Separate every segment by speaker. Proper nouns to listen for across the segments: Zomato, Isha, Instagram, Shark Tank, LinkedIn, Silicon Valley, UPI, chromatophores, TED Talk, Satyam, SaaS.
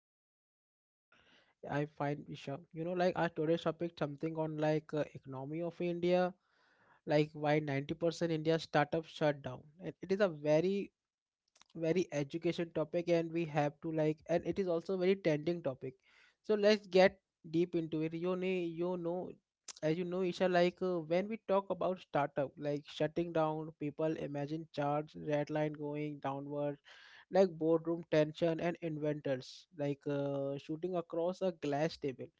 Speaker 1: fine. What's about you?
Speaker 2: I find Isha. Like our today's topic something on like economy of India, like why 90% India startups shut down. And it is a very education topic and we have to like and it is also very trending topic, so let's get deep into it. You know as you know Isha, like when we talk about startup like shutting down, people imagine charts, red line going downward, like boardroom tension and inventors like shooting across a glass table.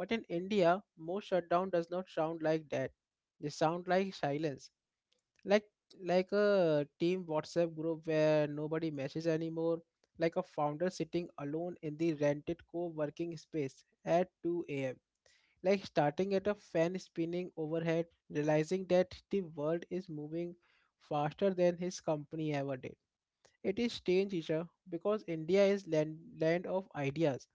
Speaker 2: But in india most shutdown does not sound like that. They sound like silence. like like a team whatsapp group where nobody messes anymore, like a founder sitting alone in the rented co-working space at 2 a.m, like starting at a fan spinning overhead, realizing that the world is moving faster than his company ever did. It is strange Isha, because india is land of ideas.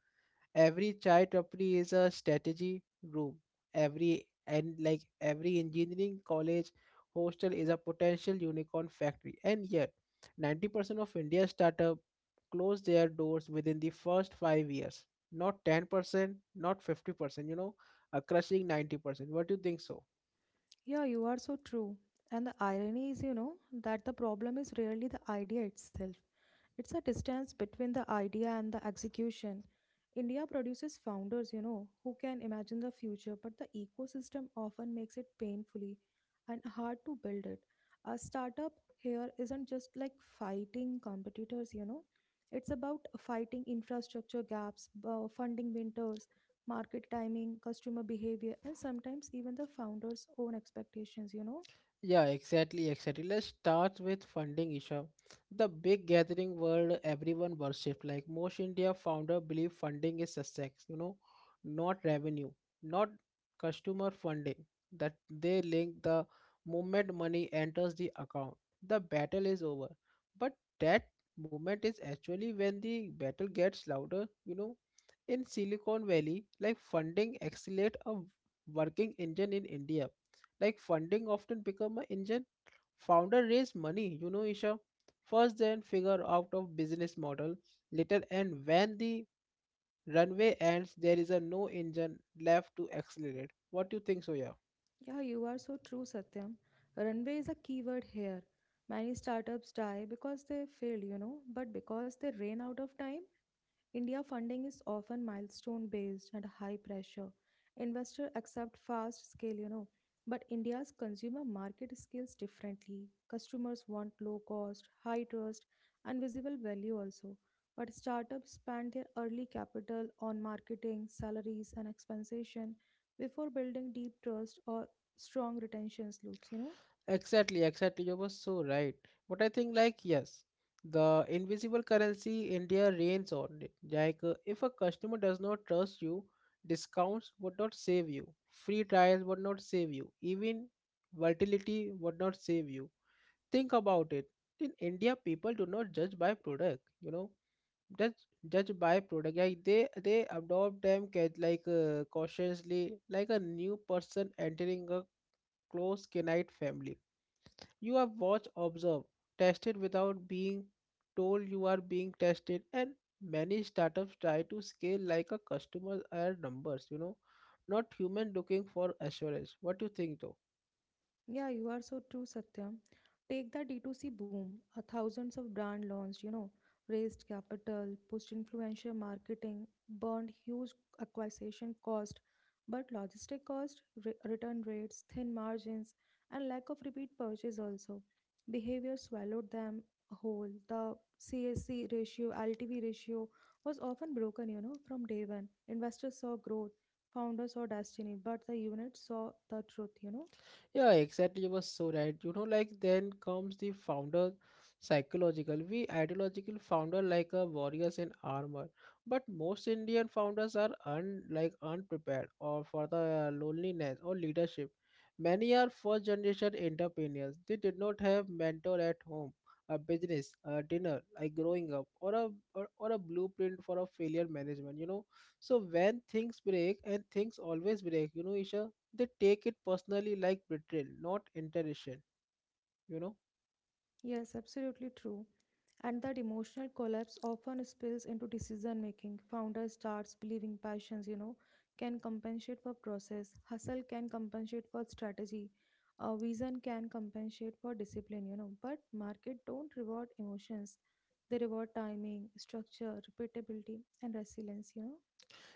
Speaker 2: Every chai tapri is a strategy room. Every and like every engineering college hostel is a potential unicorn factory. And yet, 90% of India's startup close their doors within the first 5 years. Not 10%, not 50%, you know, a crushing 90%. What do you think so?
Speaker 1: Yeah, you are so true. And the irony is, you know, that the problem is rarely the idea itself. It's a distance between the idea and the execution. India produces founders, you know, who can imagine the future, but the ecosystem often makes it painfully and hard to build it. A startup here isn't just like fighting competitors, you know, it's about fighting infrastructure gaps, funding winters, market timing, customer behavior, and sometimes even the founder's own expectations, you know?
Speaker 2: Yeah, exactly, exactly. Let's start with funding, Isha. The big gathering world everyone worshipped. Like most India founder believe funding is success, you know, not revenue, not customer funding. That they link the moment money enters the account. The battle is over. But that moment is actually when the battle gets louder, you know. In Silicon Valley, like funding accelerate a working engine, in India like funding often become an engine. Founder raise money, you know Isha, first then figure out of business model later, and when the runway ends there is a no engine left to accelerate. What do you think Soya?
Speaker 1: Yeah, you are so true, Satyam. Runway is a keyword here. Many startups die because they fail, you know, but because they ran out of time. India funding is often milestone based and high pressure. Investors accept fast scale, you know, but India's consumer market scales differently. Customers want low cost, high trust, and visible value also. But startups spend their early capital on marketing, salaries, and compensation before building deep trust or strong retention loops, you know.
Speaker 2: Exactly, exactly, you were so right. But I think like yes, the invisible currency india reigns on it, like if a customer does not trust you, discounts would not save you, free trials would not save you, even volatility would not save you. Think about it. In india people do not judge by product, you know, judge judge by product like they adopt them like cautiously, like a new person entering a close canine family. You have watched observed tested without being told you are being tested. And many startups try to scale like a customer are numbers, you know, not human looking for assurance. What do you think though?
Speaker 1: Yeah, you are so true, Satyam. Take the D2C boom, thousands of brand launched, you know, raised capital, pushed influencer marketing, burned huge acquisition cost, but logistic cost, return rates, thin margins, and lack of repeat purchase also. Behavior swallowed them whole. The CSC ratio, LTV ratio was often broken, you know, from day one. Investors saw growth, founders saw destiny, but the unit saw the truth, you know.
Speaker 2: Yeah, exactly. You were so right. You know, like then comes the founder psychological. We ideological founder like a warriors in armor, but most Indian founders are un like unprepared or for the loneliness or leadership. Many are first generation entrepreneurs. They did not have mentor at home, a business, a dinner, like growing up, or a or a blueprint for a failure management. You know, so when things break, and things always break, you know, Isha, they take it personally, like betrayal not interruption, you know.
Speaker 1: Yes, absolutely true. And that emotional collapse often spills into decision making. Founder starts believing passions, you know, can compensate for process, hustle can compensate for strategy, vision can compensate for discipline, you know. But market don't reward emotions; they reward timing, structure, repeatability, and resilience, you know.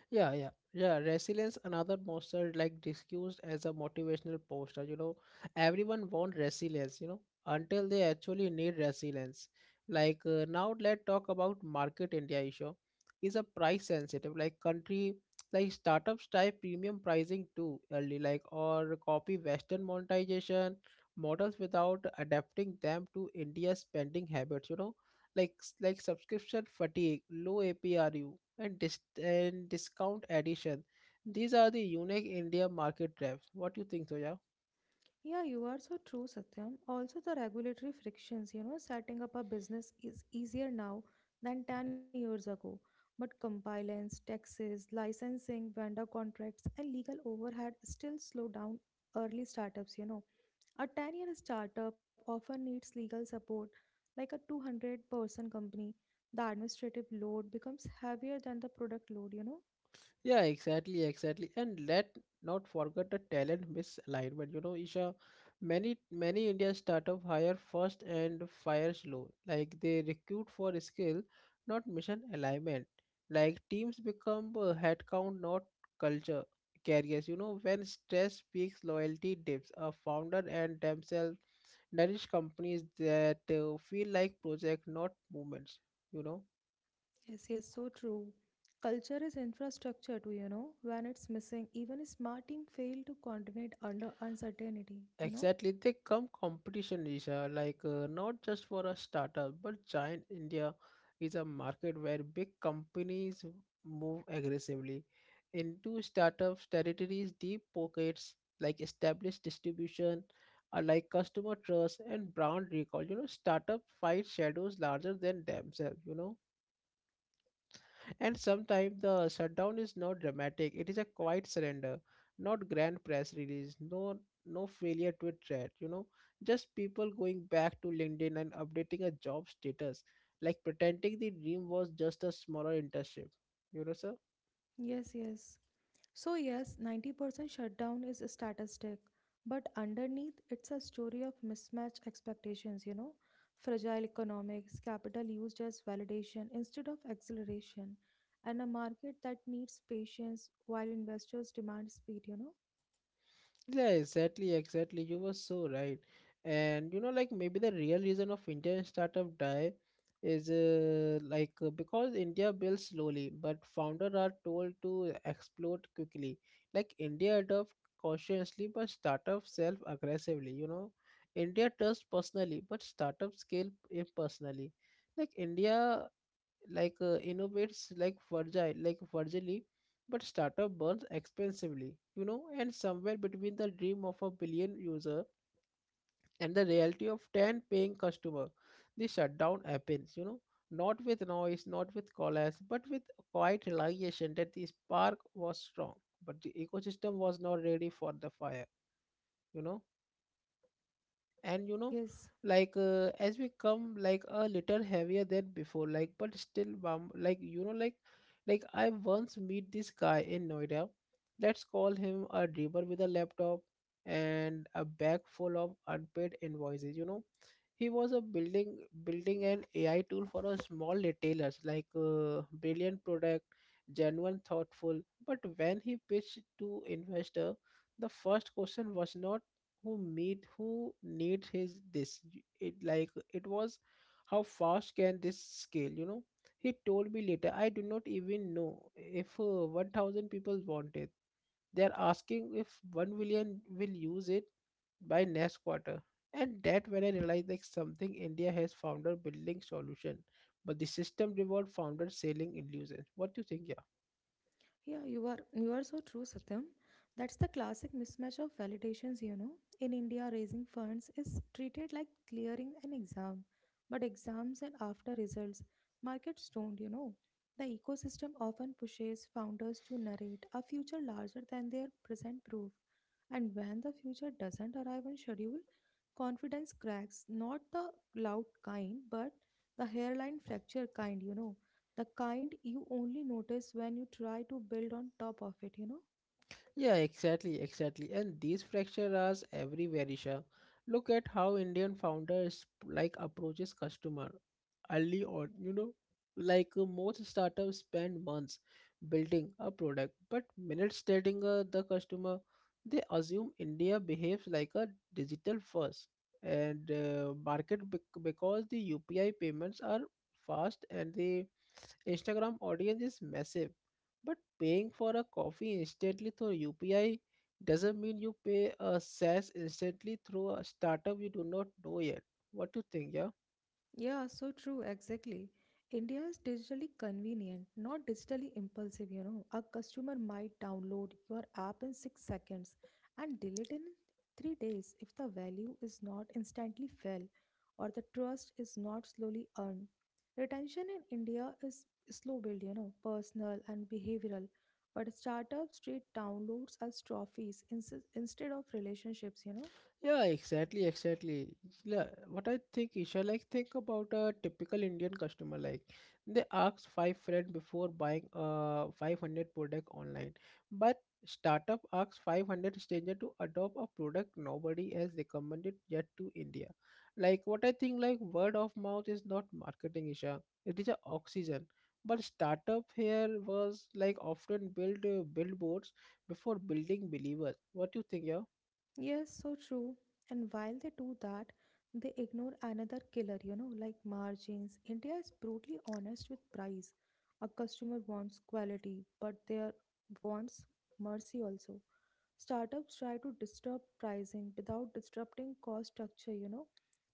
Speaker 2: Yeah yeah yeah Resilience another monster, like discussed as a motivational poster, you know. Everyone wants resilience, you know, until they actually need resilience. Like now let's talk about market. India issue is a price sensitive like country. Like startups type premium pricing too early, like or copy western monetization models without adapting them to india's spending habits, you know. like like subscription fatigue, low APRU, and and discount addition. These are the unique India market traps. What do you think, Toya?
Speaker 1: Yeah, you are so true, Satyam. Also, the regulatory frictions, you know, setting up a business is easier now than 10 years ago. But compliance, taxes, licensing, vendor contracts, and legal overhead still slow down early startups, you know. A 10-year startup often needs legal support, like a 200-person company. The administrative load becomes heavier than the product load, you know.
Speaker 2: Yeah, exactly, exactly. And let not forget the talent misalignment. You know, Isha, many many Indian startup hire first and fire slow. Like they recruit for skill, not mission alignment. Like teams become headcount, not culture carriers. You know, when stress peaks, loyalty dips. A founder and themselves nourish companies that feel like project, not movements. You know.
Speaker 1: Yes, yes, so true. Culture is infrastructure too, you know. When it's missing, even a smart team fail to coordinate under uncertainty, you know.
Speaker 2: Exactly, they come competition, Isha. Like not just for a startup, but giant. India is a market where big companies move aggressively into startups territories, deep pockets, like established distribution, like customer trust and brand recall. You know, startup fight shadows larger than themselves, you know. And sometimes the shutdown is not dramatic, it is a quiet surrender, not grand press release, no failure to a threat, you know, just people going back to LinkedIn and updating a job status, like pretending the dream was just a smaller internship. You know, sir?
Speaker 1: Yes, yes. So yes, 90% shutdown is a statistic, but underneath it's a story of mismatched expectations, you know. Fragile economics, capital used as validation instead of acceleration, and a market that needs patience while investors demand speed, you know.
Speaker 2: Yeah, exactly, exactly. You were so right. And you know, like maybe the real reason of Indian startup die is because India builds slowly, but founder are told to explode quickly. Like India adopt cautiously, but startup self aggressively. You know, India trusts personally, but startup scale impersonally. Like India like innovates like Virgili, but startup burns expensively, you know. And somewhere between the dream of a billion user and the reality of 10 paying customer, the shutdown happens, you know, not with noise, not with collapse, but with quiet realization that the spark was strong, but the ecosystem was not ready for the fire, you know. And you know,
Speaker 1: Yes.
Speaker 2: like as we come like a little heavier than before, like but still bum, like you know, like I once meet this guy in noida. Let's call him a dreamer with a laptop and a bag full of unpaid invoices, you know. He was a building an AI tool for a small retailers, like brilliant product, genuine thoughtful. But when he pitched to investor, the first question was not who needs his this. It was, how fast can this scale, you know. He told me later, I do not even know if 1000 people want it. They're asking if 1 million will use it by next quarter. And that when I realized like something, India has founder building solution, but the system reward founder selling illusion. What do you think?
Speaker 1: Yeah, you are so true, Satyam. That's the classic mismatch of validations, you know. In India, raising funds is treated like clearing an exam, but exams and after results, markets don't, you know. The ecosystem often pushes founders to narrate a future larger than their present proof. And when the future doesn't arrive on schedule, confidence cracks, not the loud kind, but the hairline fracture kind, you know, the kind you only notice when you try to build on top of it, you know.
Speaker 2: Yeah, exactly, exactly. And these fractures are everywhere, Isha. Look at how Indian founders like approaches customer early on, you know, like most startups spend months building a product, but minutes telling the customer. They assume India behaves like a digital first and market because the UPI payments are fast, and they Instagram audience is massive, but paying for a coffee instantly through UPI doesn't mean you pay a SaaS instantly through a startup you do not know yet. What do you think, yeah?
Speaker 1: Yeah, so true, exactly. India is digitally convenient, not digitally impulsive, you know. A customer might download your app in 6 seconds and delete in 3 days if the value is not instantly fell or the trust is not slowly earned. Retention in India is slow build, you know, personal and behavioral. But startups treat downloads as trophies instead of relationships, you know.
Speaker 2: Yeah, exactly, exactly. Yeah, what I think, Isha, like think about a typical Indian customer. Like they ask five friends before buying a 500 product online, but startup asks 500 stranger to adopt a product nobody has recommended yet to India. Like what I think, like word of mouth is not marketing, Isha. It is a oxygen. But startup here was like often build billboards before building believers. What do you think, yeah?
Speaker 1: Yes, so true. And while they do that, they ignore another killer, you know, like margins. India is brutally honest with price. A customer wants quality, but wants mercy also. Startups try to disturb pricing without disrupting cost structure, you know,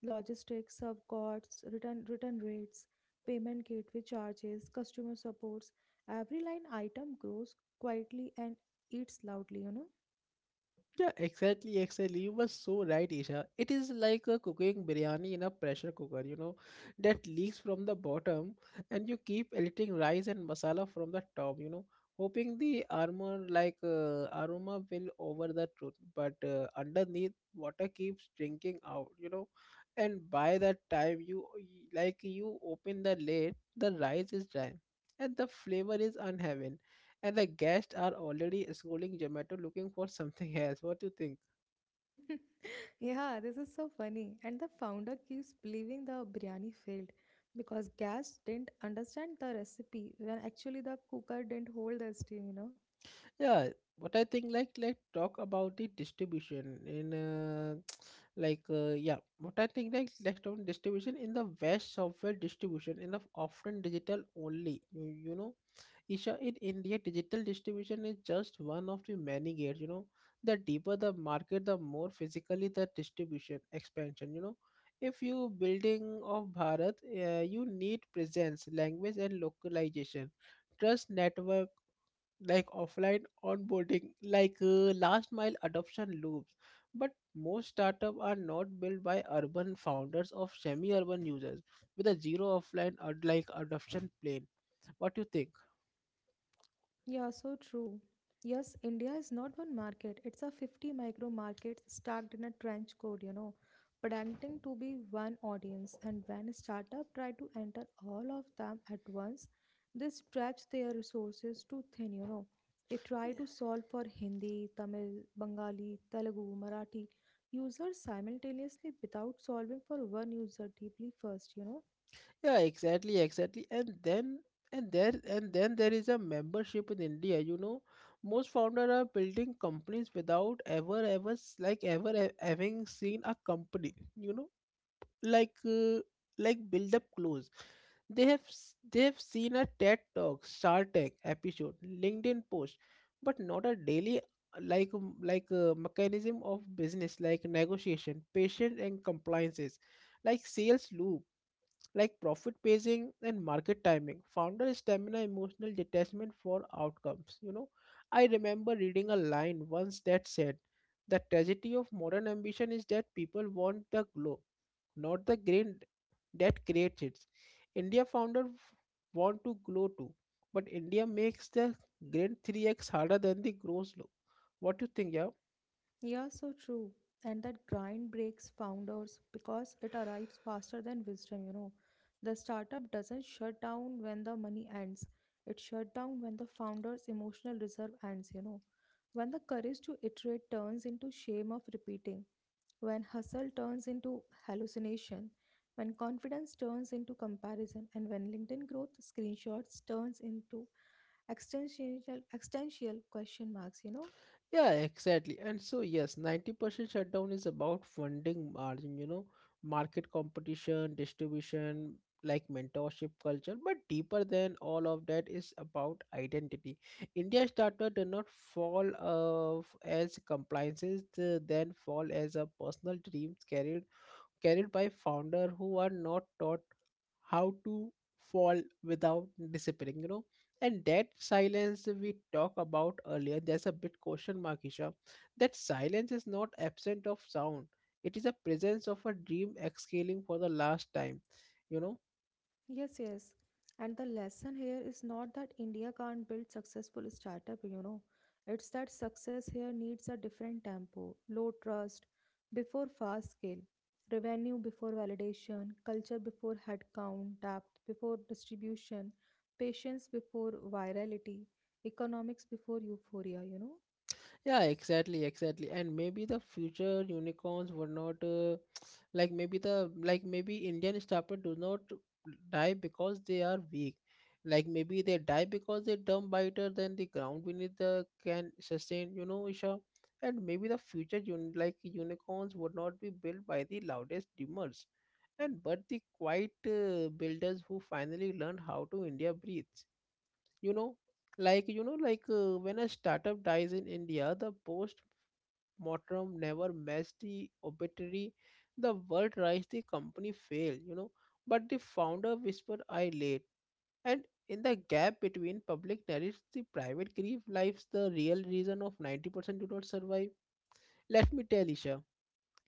Speaker 1: logistics, subcosts, return rates, payment gateway charges, customer supports. Every line item grows quietly and eats loudly, you know.
Speaker 2: Yeah, exactly, exactly. You were so right, Isha. It is like a cooking biryani in a pressure cooker, you know, that leaks from the bottom, and you keep eating rice and masala from the top, you know, hoping the aroma like aroma will over the truth. But underneath, water keeps drinking out, you know, and by that time you you open the lid, the rice is dry, and the flavor is unheaven and the guests are already scrolling Zomato looking for something else. What do you think?
Speaker 1: Yeah, this is so funny. And the founder keeps believing the biryani failed because gas didn't understand the recipe when actually the cooker didn't hold the steam, you know.
Speaker 2: Yeah, what I think like talk about the distribution in like yeah, what I think like let's talk on distribution in the West. Software distribution in the often digital only. You know Isha, in India, digital distribution is just one of the many gears. You know, the deeper the market, the more physically the distribution expansion. You know, if you building of Bharat, you need presence, language, and localization. Trust network, like offline onboarding, like last mile adoption loops. But most startup are not built by urban founders of semi-urban users with a zero offline like adoption plane. What do you think?
Speaker 1: Yeah, so true. Yes, India is not one market. It's a 50 micro markets stacked in a trench code, you know, pretending to be one audience. And when a startup try to enter all of them at once, they stretch their resources too thin, you know. They try to solve for Hindi, Tamil, Bengali, Telugu, Marathi users simultaneously without solving for one user deeply first, you know.
Speaker 2: Yeah, exactly, exactly. And there and then there is a membership in India, you know. Most founders are building companies without ever having seen a company, you know, like uh, like build up close. They have seen a TED Talk, Shark Tank episode, LinkedIn post, but not a daily mechanism of business like negotiation, patient and compliances, like sales loop, like profit pacing and market timing, founder stamina, emotional detachment for outcomes. I remember reading a line once that said the tragedy of modern ambition is that people want the glow, not the grain that creates it. india founder f- want to glow too, but india makes the grain 3x harder than the gross low. What do you think? Yeah,
Speaker 1: Yeah, so true. And that grind breaks founders because it arrives faster than wisdom, you know. The startup doesn't shut down when the money ends, it shut down when the founder's emotional reserve ends, you know. When the courage to iterate turns into shame of repeating, when hustle turns into hallucination, when confidence turns into comparison, and when LinkedIn growth screenshots turns into existential existential question marks, you know.
Speaker 2: yeah, exactly. And so, yes, 90% shutdown is about funding margin, you know, market competition, distribution, like mentorship culture. But deeper than all of that is about identity. India startup do not fall of as compliances, they then fall as a personal dreams carried by founder who are not taught how to fall without disappearing. And that silence we talked about earlier, there's a bit question mark, Isha. That silence is not absent of sound, it is a presence of a dream exhaling for the last time, you know.
Speaker 1: Yes, yes. And the lesson here is not that India can't build successful startup, you know. It's that success here needs a different tempo, low trust before fast scale, revenue before validation, culture before headcount, depth before distribution, patience before virality, economics before euphoria, you know.
Speaker 2: Yeah, exactly, exactly. And maybe the future unicorns were not like maybe Indian startup do not die because they are weak. Like maybe they die because they're dumb biter than the ground beneath the can sustain, you know, Isha. And maybe the future un like unicorns would not be built by the loudest dreamers, and but the quiet builders who finally learn how to India breathe, you know. Like when a startup dies in india, the post mortem never matched the obituary. The world rise, the company fail, you know. But the founder whispered I late, and in the gap between public narratives, the private grief lives, the real reason of 90% do not survive. Let me tell Isha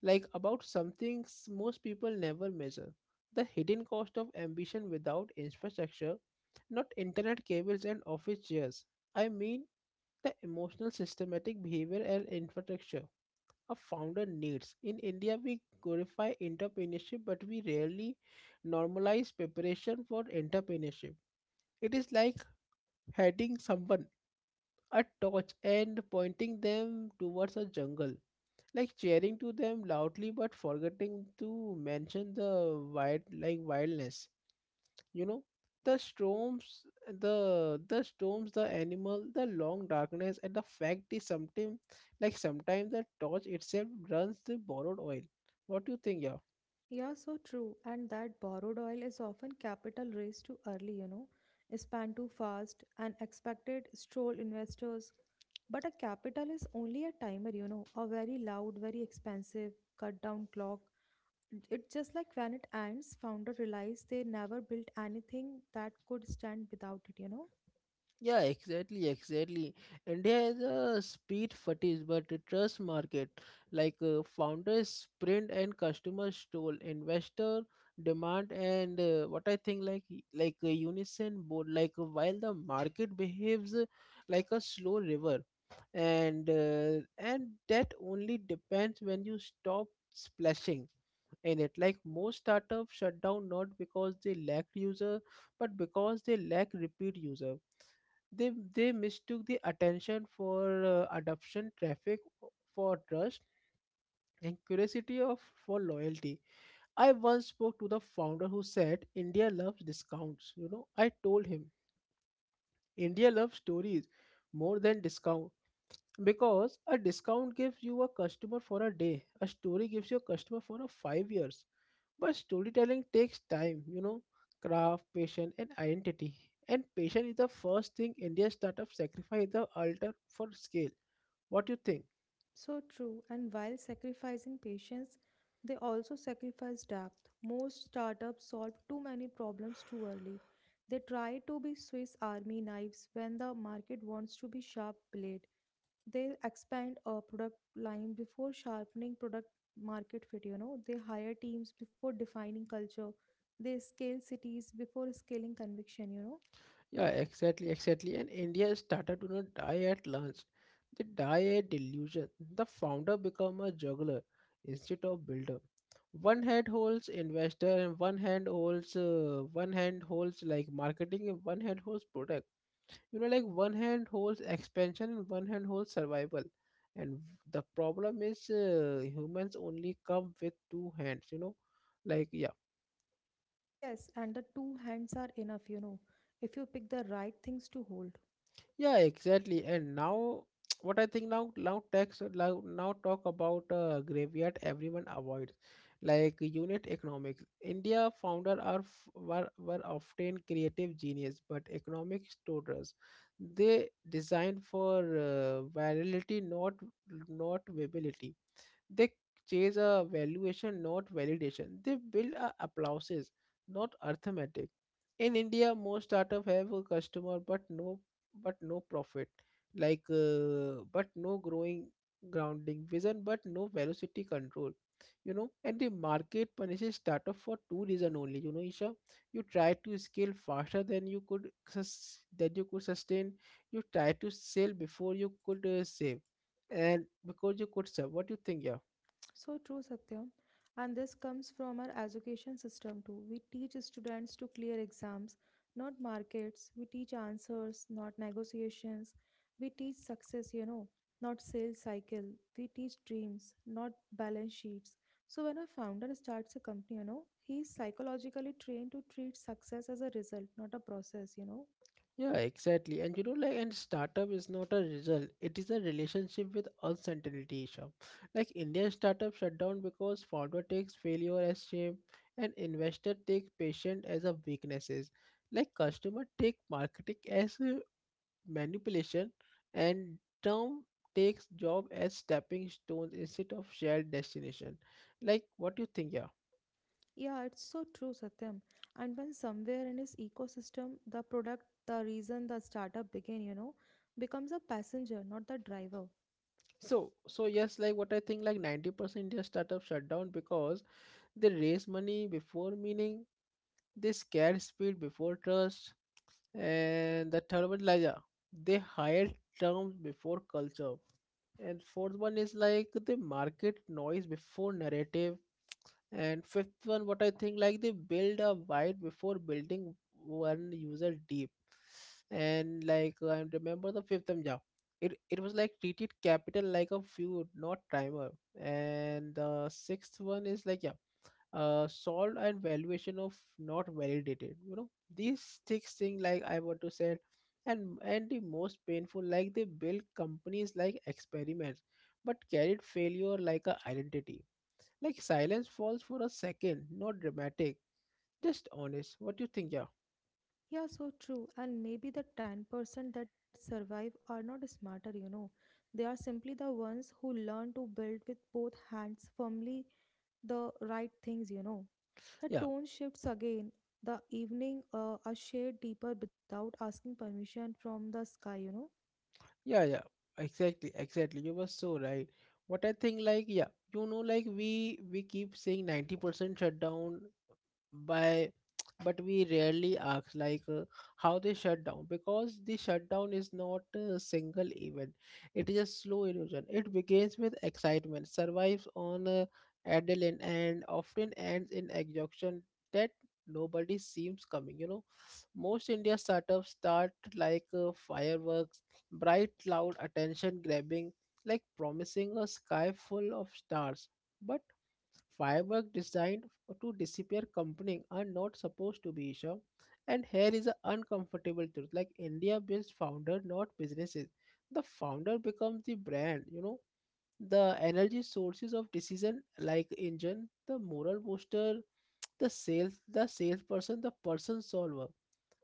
Speaker 2: about something most people never measure, the hidden cost of ambition without infrastructure. Not internet cables and office chairs, I mean the emotional systematic behavior and infrastructure a founder needs. In India, we glorify entrepreneurship, but we rarely normalize preparation for entrepreneurship. It is like heading someone a torch and pointing them towards a jungle, like cheering to them loudly but forgetting to mention the wildness, you know, the storms, the storms, the animal, the long darkness. And the fact is, sometimes like sometimes the torch itself runs the borrowed oil. What do you think? Yeah,
Speaker 1: Yeah, so true. And that borrowed oil is often capital raised too early, you know, spent too fast, and expected stroll investors. But a capital is only a timer, you know, a very loud, very expensive, cut down clock. It's just like when it ends, founder realized they never built anything that could stand without it, you know.
Speaker 2: yeah, exactly, exactly. India is a speed fetish, but a trust market. Founders sprint and customers stole, investor demand, and what I think like a unison board. While the market behaves like a slow river, and that only depends when you stop splashing in it. Like most startups shut down not because they lack user, but because they lack repeat user, they mistook the attention for adoption, traffic for trust, and curiosity of for loyalty. I once spoke to the founder who said India loves discounts. You know, I told him India loves stories more than discounts. Because a discount gives you a customer for a day, a story gives you a customer for a 5 years. But storytelling takes time, you know, craft, patience, and identity. And patience is the first thing Indian startups sacrifice the altar for scale. What do you think?
Speaker 1: So true. And while sacrificing patience, they also sacrifice depth. Most startups solve too many problems too early. They try to be Swiss army knives when the market wants to be sharp blade. They expand a product line before sharpening product market fit, you know. They hire teams before defining culture, they scale cities before scaling conviction, you know.
Speaker 2: Yeah, exactly, exactly. And India started to not die at lunch. They die at delusion. The founder become a juggler instead of builder. One hand holds investor and one hand holds like marketing and one hand holds product. You know, like one hand holds expansion and one hand holds survival. And the problem is humans only come with two hands. You know, like yeah.
Speaker 1: Yes, and the two hands are enough, you know, if you pick the right things to hold.
Speaker 2: Yeah, exactly. And now, what I think now, now talk about graveyard everyone avoids, like unit economics. India founder are f- were often creative genius, but economic totals. They designed for virality, not viability. They chase a valuation, not validation. They build a applauses, not arithmetic. In India, most startup have a customer, but no profit. But no growing grounding vision, but no velocity control. You know, and the market punishes startup for two reason only. You know, Isha, you try to scale faster than you could sustain. You try to sell before you could save, and because you could sell. What do you think, yeah?
Speaker 1: So true, Satyam. And this comes from our education system too. We teach students to clear exams, not markets. We teach answers, not negotiations. We teach success, you know, not sales cycle. We teach dreams, not balance sheets. So when a founder starts a company, you know, he's psychologically trained to treat success as a result, not a process, you know.
Speaker 2: Yeah, exactly. And you know, like, and startup is not a result, it is a relationship with uncertainty, Sham. Like, Indian startup shut down because founder takes failure as shame, and investor take patient as a weaknesses. Like, customer take marketing as a manipulation, and term takes job as stepping stones instead of shared destination. Like, what do you think, yeah?
Speaker 1: Yeah, it's so true, Satyam. And when somewhere in his ecosystem, the product, the reason the startup began, you know, becomes a passenger, not the driver.
Speaker 2: So, so yes, like what I think, like 90% Indian startup shut down because they raise money before meaning, they scare speed before trust, and the third one, like yeah, they hire terms before culture, and fourth one is like they market noise before narrative, and fifth one, what I think, like they build a wide before building one user deep. And like I remember the fifth one, yeah, it was like treated capital like a feud, not timer. And the sixth one is like yeah, solved and valuation of not validated. You know these six thing like I want to say, and the most painful, like they build companies like experiments, but carried failure like a identity, like silence falls for a second, not dramatic, just honest. What do you think? Yeah,
Speaker 1: Yeah, so true. And maybe the 10% that survive are not smarter, you know. They are simply the ones who learn to build with both hands firmly the right things, you know. The
Speaker 2: yeah,
Speaker 1: tone shifts again, the evening a shade deeper without asking permission from the sky, you know.
Speaker 2: yeah. Exactly, exactly. You were so right. What I think, like, yeah, you know, like we keep saying 90% shutdown by but we rarely ask like how they shut down, because the shutdown is not a single event, it is a slow illusion. It begins with excitement, survives on adrenaline, and often ends in exhaustion that nobody seems coming, you know. Most india startups start like fireworks, bright, loud, attention grabbing, like promising a sky full of stars. But firework design to disappear, company are not supposed to be, Isha. And here is an uncomfortable truth. Like India builds founder, not businesses. The founder becomes the brand, you know, the energy sources of decision like engine, the moral booster, the sales, the salesperson, the person solver.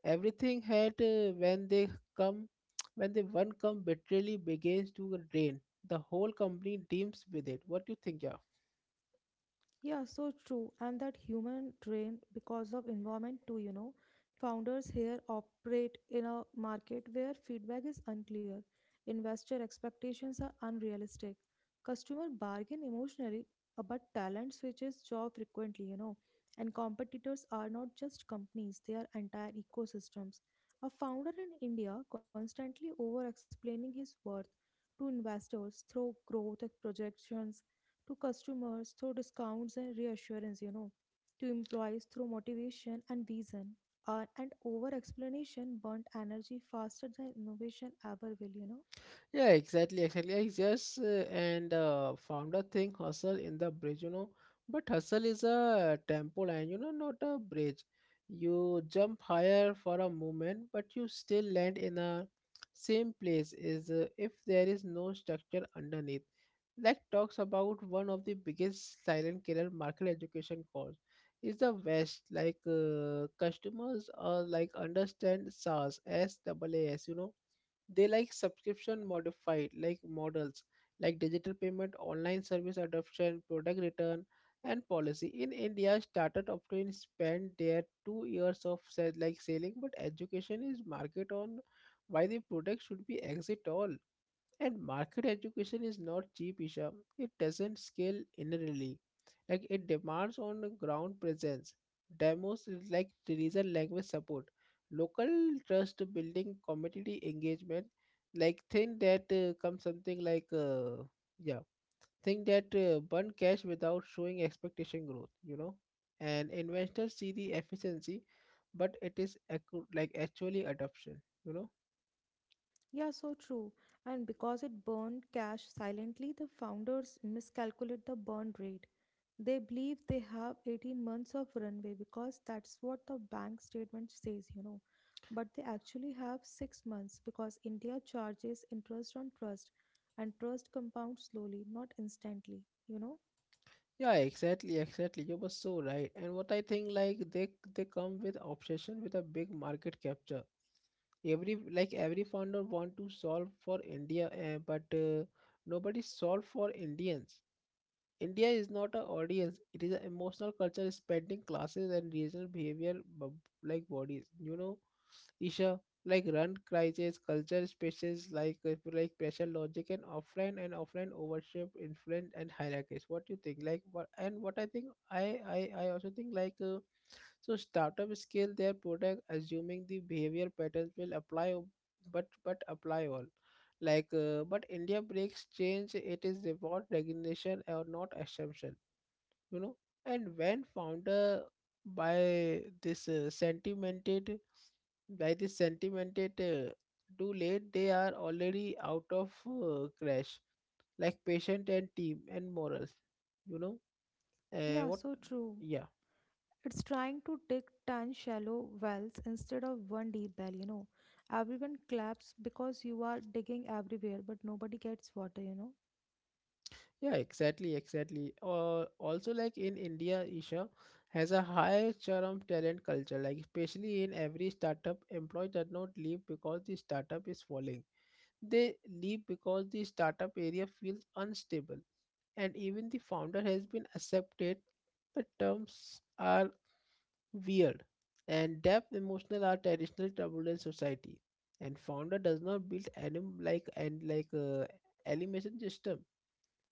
Speaker 2: Everything had when they come, when the one come bitterly begins to drain, the whole company teams with it. What do you think, yeah?
Speaker 1: Yeah, so true. And that human drain because of environment too, you know. Founders here operate in a market where feedback is unclear, investor expectations are unrealistic, customer bargain emotionally, but talent switches job frequently, you know. And competitors are not just companies, they are entire ecosystems. A founder in India constantly over explaining his worth to investors through growth projections to customers through discounts and reassurance, you know, to employees through motivation and vision. And over explanation burnt energy faster than innovation ever will, you know.
Speaker 2: Yeah, exactly, exactly. I just and found a thing hustle in the bridge, you know. But hustle is a tempo line, you know, not a bridge. You jump higher for a moment, but you still land in a same place. Is if there is no structure underneath. Like talks about one of the biggest silent killer market education course is the West. Customers are like understand SaaS, S double A S, you know, they like subscription modified like models like digital payment, online service adoption, product return and policy in india started often spend their two years of selling but education is market on why the product should be exit all. And market education is not cheap, Isha. It doesn't scale inherently. Like it demands on the ground presence. Demos like Tunisian language support, local trust building, community engagement. Like think that comes something like yeah, think that burn cash without showing expectation growth. You know, and investors see the efficiency, but it is actually adoption. You know.
Speaker 1: Yeah, so true. And because it burned cash silently, the founders miscalculate the burn rate. They believe they have 18 months of runway because that's what the bank statement says, you know. But they actually have 6 months because India charges interest on trust and trust compounds slowly, not instantly, you know.
Speaker 2: Yeah, exactly, exactly. You were so right. And what I think, like they come with obsession with a big market capture. Every founder want to solve for India, but nobody solve for Indians. India is not an audience; it is an emotional culture spanning classes and regional behavior, bodies. You know, Isha, like run crisis, culture spaces, like pressure, logic, and offline overship, influence, and hierarchies. What you think? Like what? And what I think, I I I also think like. So startup scale their product assuming the behavior patterns will apply all like but india breaks change, it is about recognition or not assumption, you know. And when founder by this uh, sentimented by this sentimented too late, they are already out of crash, like patient and team and morals, you know. uh,
Speaker 1: Yeah,
Speaker 2: what
Speaker 1: so true.
Speaker 2: Yeah,
Speaker 1: It's trying to dig 10 shallow wells instead of one deep well, you know. Everyone claps because you are digging everywhere, but nobody gets water, you know.
Speaker 2: yeah, exactly, exactly. Also, like in India, Isha has a high charm talent culture. Like especially in every startup, employees does not leave because the startup is falling. They leave because the startup area feels unstable, and even the founder has been accepted. The terms are weird, and depth emotional are traditional turbulent society, and founder does not build animation system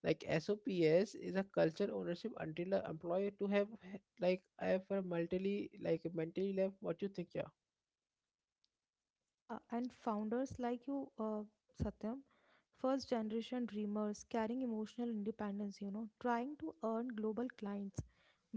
Speaker 2: like SOPS is a culture ownership until the employer to have h- like I have a mentally like mentally left. What you think, yeah?
Speaker 1: Yeah, and founders like you, Satyam, first generation dreamers carrying emotional independence, you know, trying to earn global clients,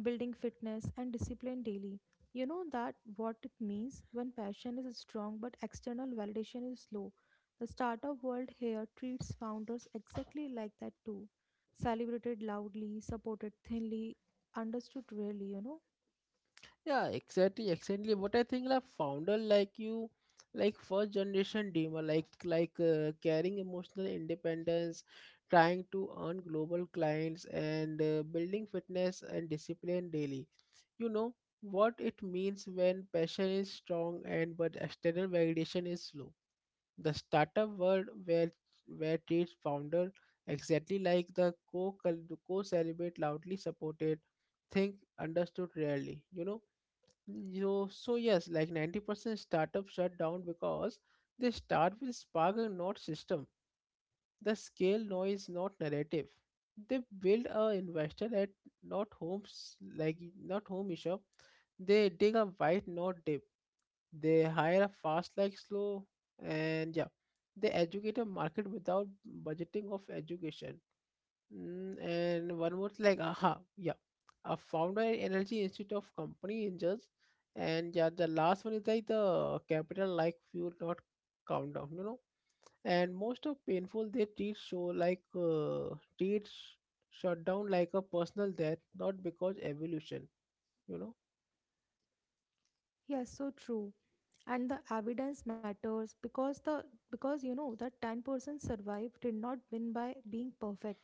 Speaker 1: building fitness and discipline daily. You know that what it means when passion is strong but external validation is slow. The startup world here treats founders exactly like that too. Celebrated loudly, supported thinly, understood rarely, you know.
Speaker 2: Yeah, exactly, exactly. What I think, like founder like you, like first generation dreamer, like carrying emotional independence, trying to earn global clients and building fitness and discipline daily you know what it means when passion is strong and but external validation is slow. The startup world where treats founder exactly like the co celebrate loudly supported think understood rarely you know. You so yes like 90% startups shut down because they start with spark and not system. The scale no is not narrative. They build a investor at not homes like not home shop. They dig a white not dip. They hire a fast like slow and yeah. They educate a market without budgeting of education. And one more like aha yeah, a founder at energy institute of company angels, and yeah the last one is like the capital like fuel not countdown you know. And most of painful they treat show like treat sh- shutdown like a personal death not because evolution you know.
Speaker 1: Yes, so true. And the evidence matters because the, because you know, the 10% survived did not win by being perfect.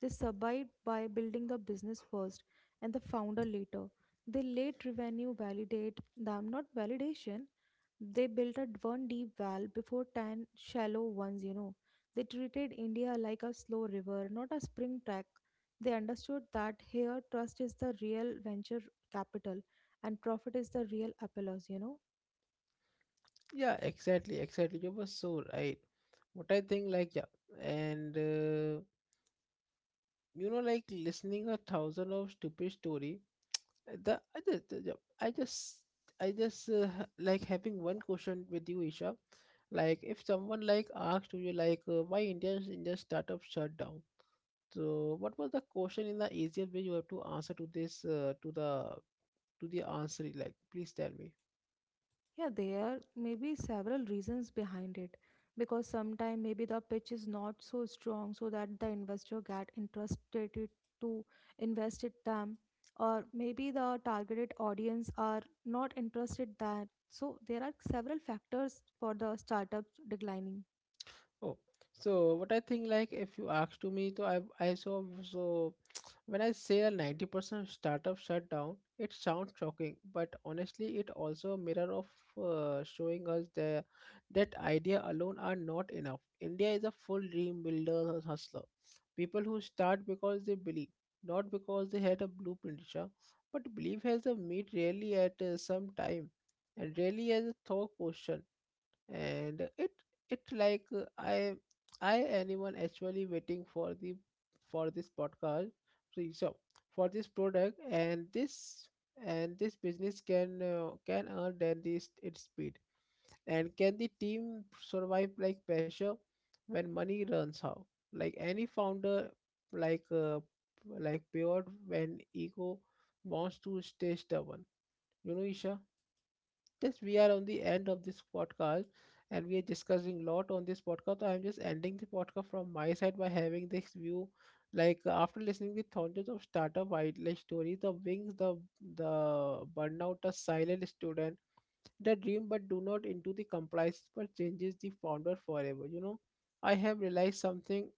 Speaker 1: They survived by building the business first and the founder later. They let revenue validate them, not validation. They built a one deep well before 10 shallow ones, you know. They treated India like a slow river, not a spring track. They understood that here trust is the real venture capital, and profit is the real applause, you know.
Speaker 2: Yeah, exactly, exactly, you were so right. What I think like yeah, and you know like listening a thousand of stupid story. The I just I just I just ha- Like having one question with you, Isha. Like, if someone like asked you like why India's Indian startup shut down, so what was the question in the easiest way you have to answer to this to the answer? Like, please tell me.
Speaker 1: Yeah, there may be several reasons behind it because sometimes maybe the pitch is not so strong so that the investor get interested it to invest it them, or maybe the targeted audience are not interested that, so there are several factors for the startups declining.
Speaker 2: Oh, so what I think like if you ask to me, I saw so when I say a 90% startup shutdown, it sounds shocking, but honestly, it also a mirror of showing us the that idea alone are not enough. India is a full dream builder hustler. People who start because they believe, not because they had a blueprint, Isha. But belief has a meet really at some time, and really as a thought question. And it like i anyone actually waiting for the for this podcast, so so for this product and this business can earn than this its speed, and can the team survive like pressure when money runs out, like any founder like uh, like pure when ego wants to stay stubborn you know, Isha. Yes, we are on the end of this podcast and we are discussing a lot on this podcast. I'm just ending the podcast from my side by having this view. Like after listening the thousands of startup wide like stories, the wings, the burnout, a silent student, the dream but do not into the compliance but changes the founder forever. You know, I have realized something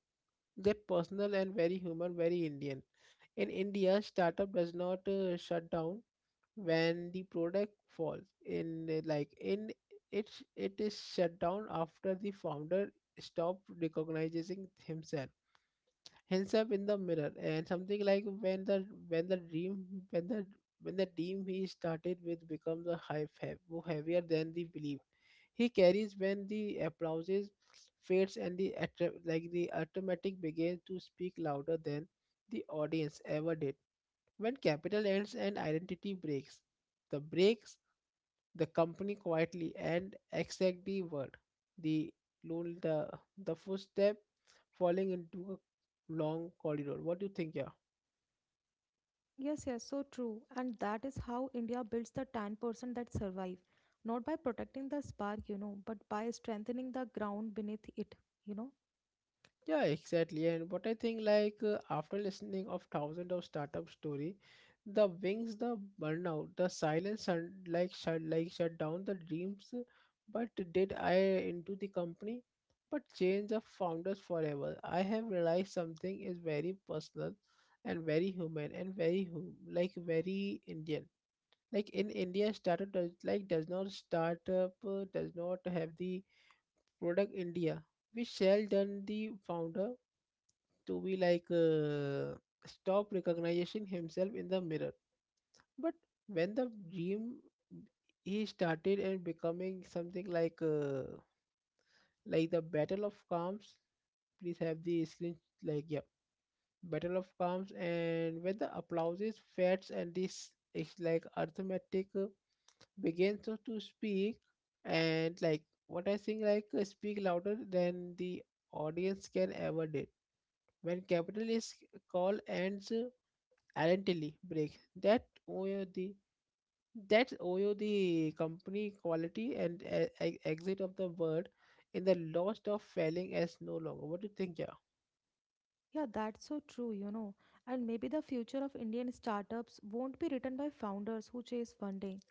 Speaker 2: that personal and very human, very Indian. In India, startup does not shut down when the product falls in like in it it is shut down after the founder stopped recognizing himself in the mirror, and something like when the dream when the when the dream he started with becomes a high heavier than the belief he carries, when the applauses fades and the like the automatic begins to speak louder than the audience ever did, when capital ends and identity breaks the company quietly and exactly word the lone the footstep falling into a long corridor. What do you think, yeah?
Speaker 1: Yes, yes, so true. And that is how India builds the 10% that survive, not by protecting the spark, you know, but by strengthening the ground beneath it, you know.
Speaker 2: Yeah, exactly. And what I think, like after listening of thousands of startup story, the wings, the burnout, the silence, and like shut down the dreams. But did I into the company? But change of founders forever. I have realized something is very personal, and very human, and like very Indian. Like in India, startup does like does not startup does not have the product India. We shall done the founder to be like stop recognizing himself in the mirror but when the dream he started and becoming something like the battle of calms, please have the screen like yeah, battle of calms, and when the applauses fats and this is like arithmetic begins to speak, and like what I think like speak louder than the audience can ever did, when capitalist call ends identity break, that owe the company quality and exit of the word in the lost of failing as no longer. What do you think, yeah?
Speaker 1: Yeah, that's so true, you know. And maybe the future of Indian startups won't be written by founders who chase funding,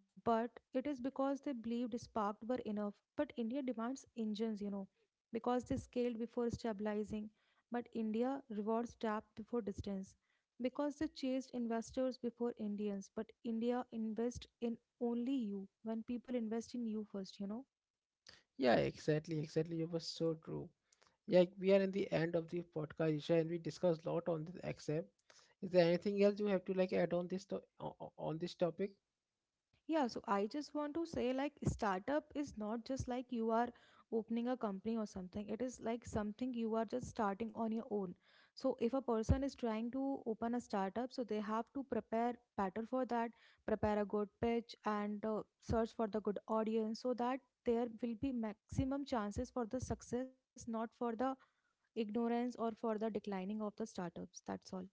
Speaker 1: but it is because they believed sparked were enough. But India demands engines, you know, because they scaled before stabilizing, but India rewards depth before distance, because they chased investors before Indians, but India invests in only you when people invest in you first, you know.
Speaker 2: Yeah, exactly, exactly, it was so true. Yeah, we are in the end of the podcast, Isha, and we discussed a lot on this except is there anything else you have to like add on this on this topic?
Speaker 1: Yeah, so I just want to say like startup is not just like you are opening a company or something. It is like something you are just starting on your own. So if a person is trying to open a startup, so they have to prepare better for that, prepare a good pitch and search for the good audience so that there will be maximum chances for the success, not for the ignorance or for the declining of the startups. That's all.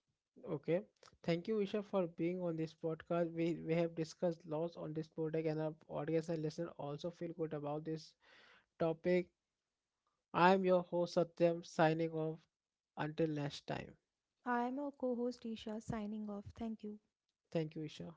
Speaker 2: Okay. Thank you, Isha, for being on this podcast. We have discussed lots on this product, and our audience and listener also feel good about this topic. I'm your host, Satyam, signing off. Until next time.
Speaker 1: I am a co-host Isha signing off. Thank you.
Speaker 2: Thank you, Isha.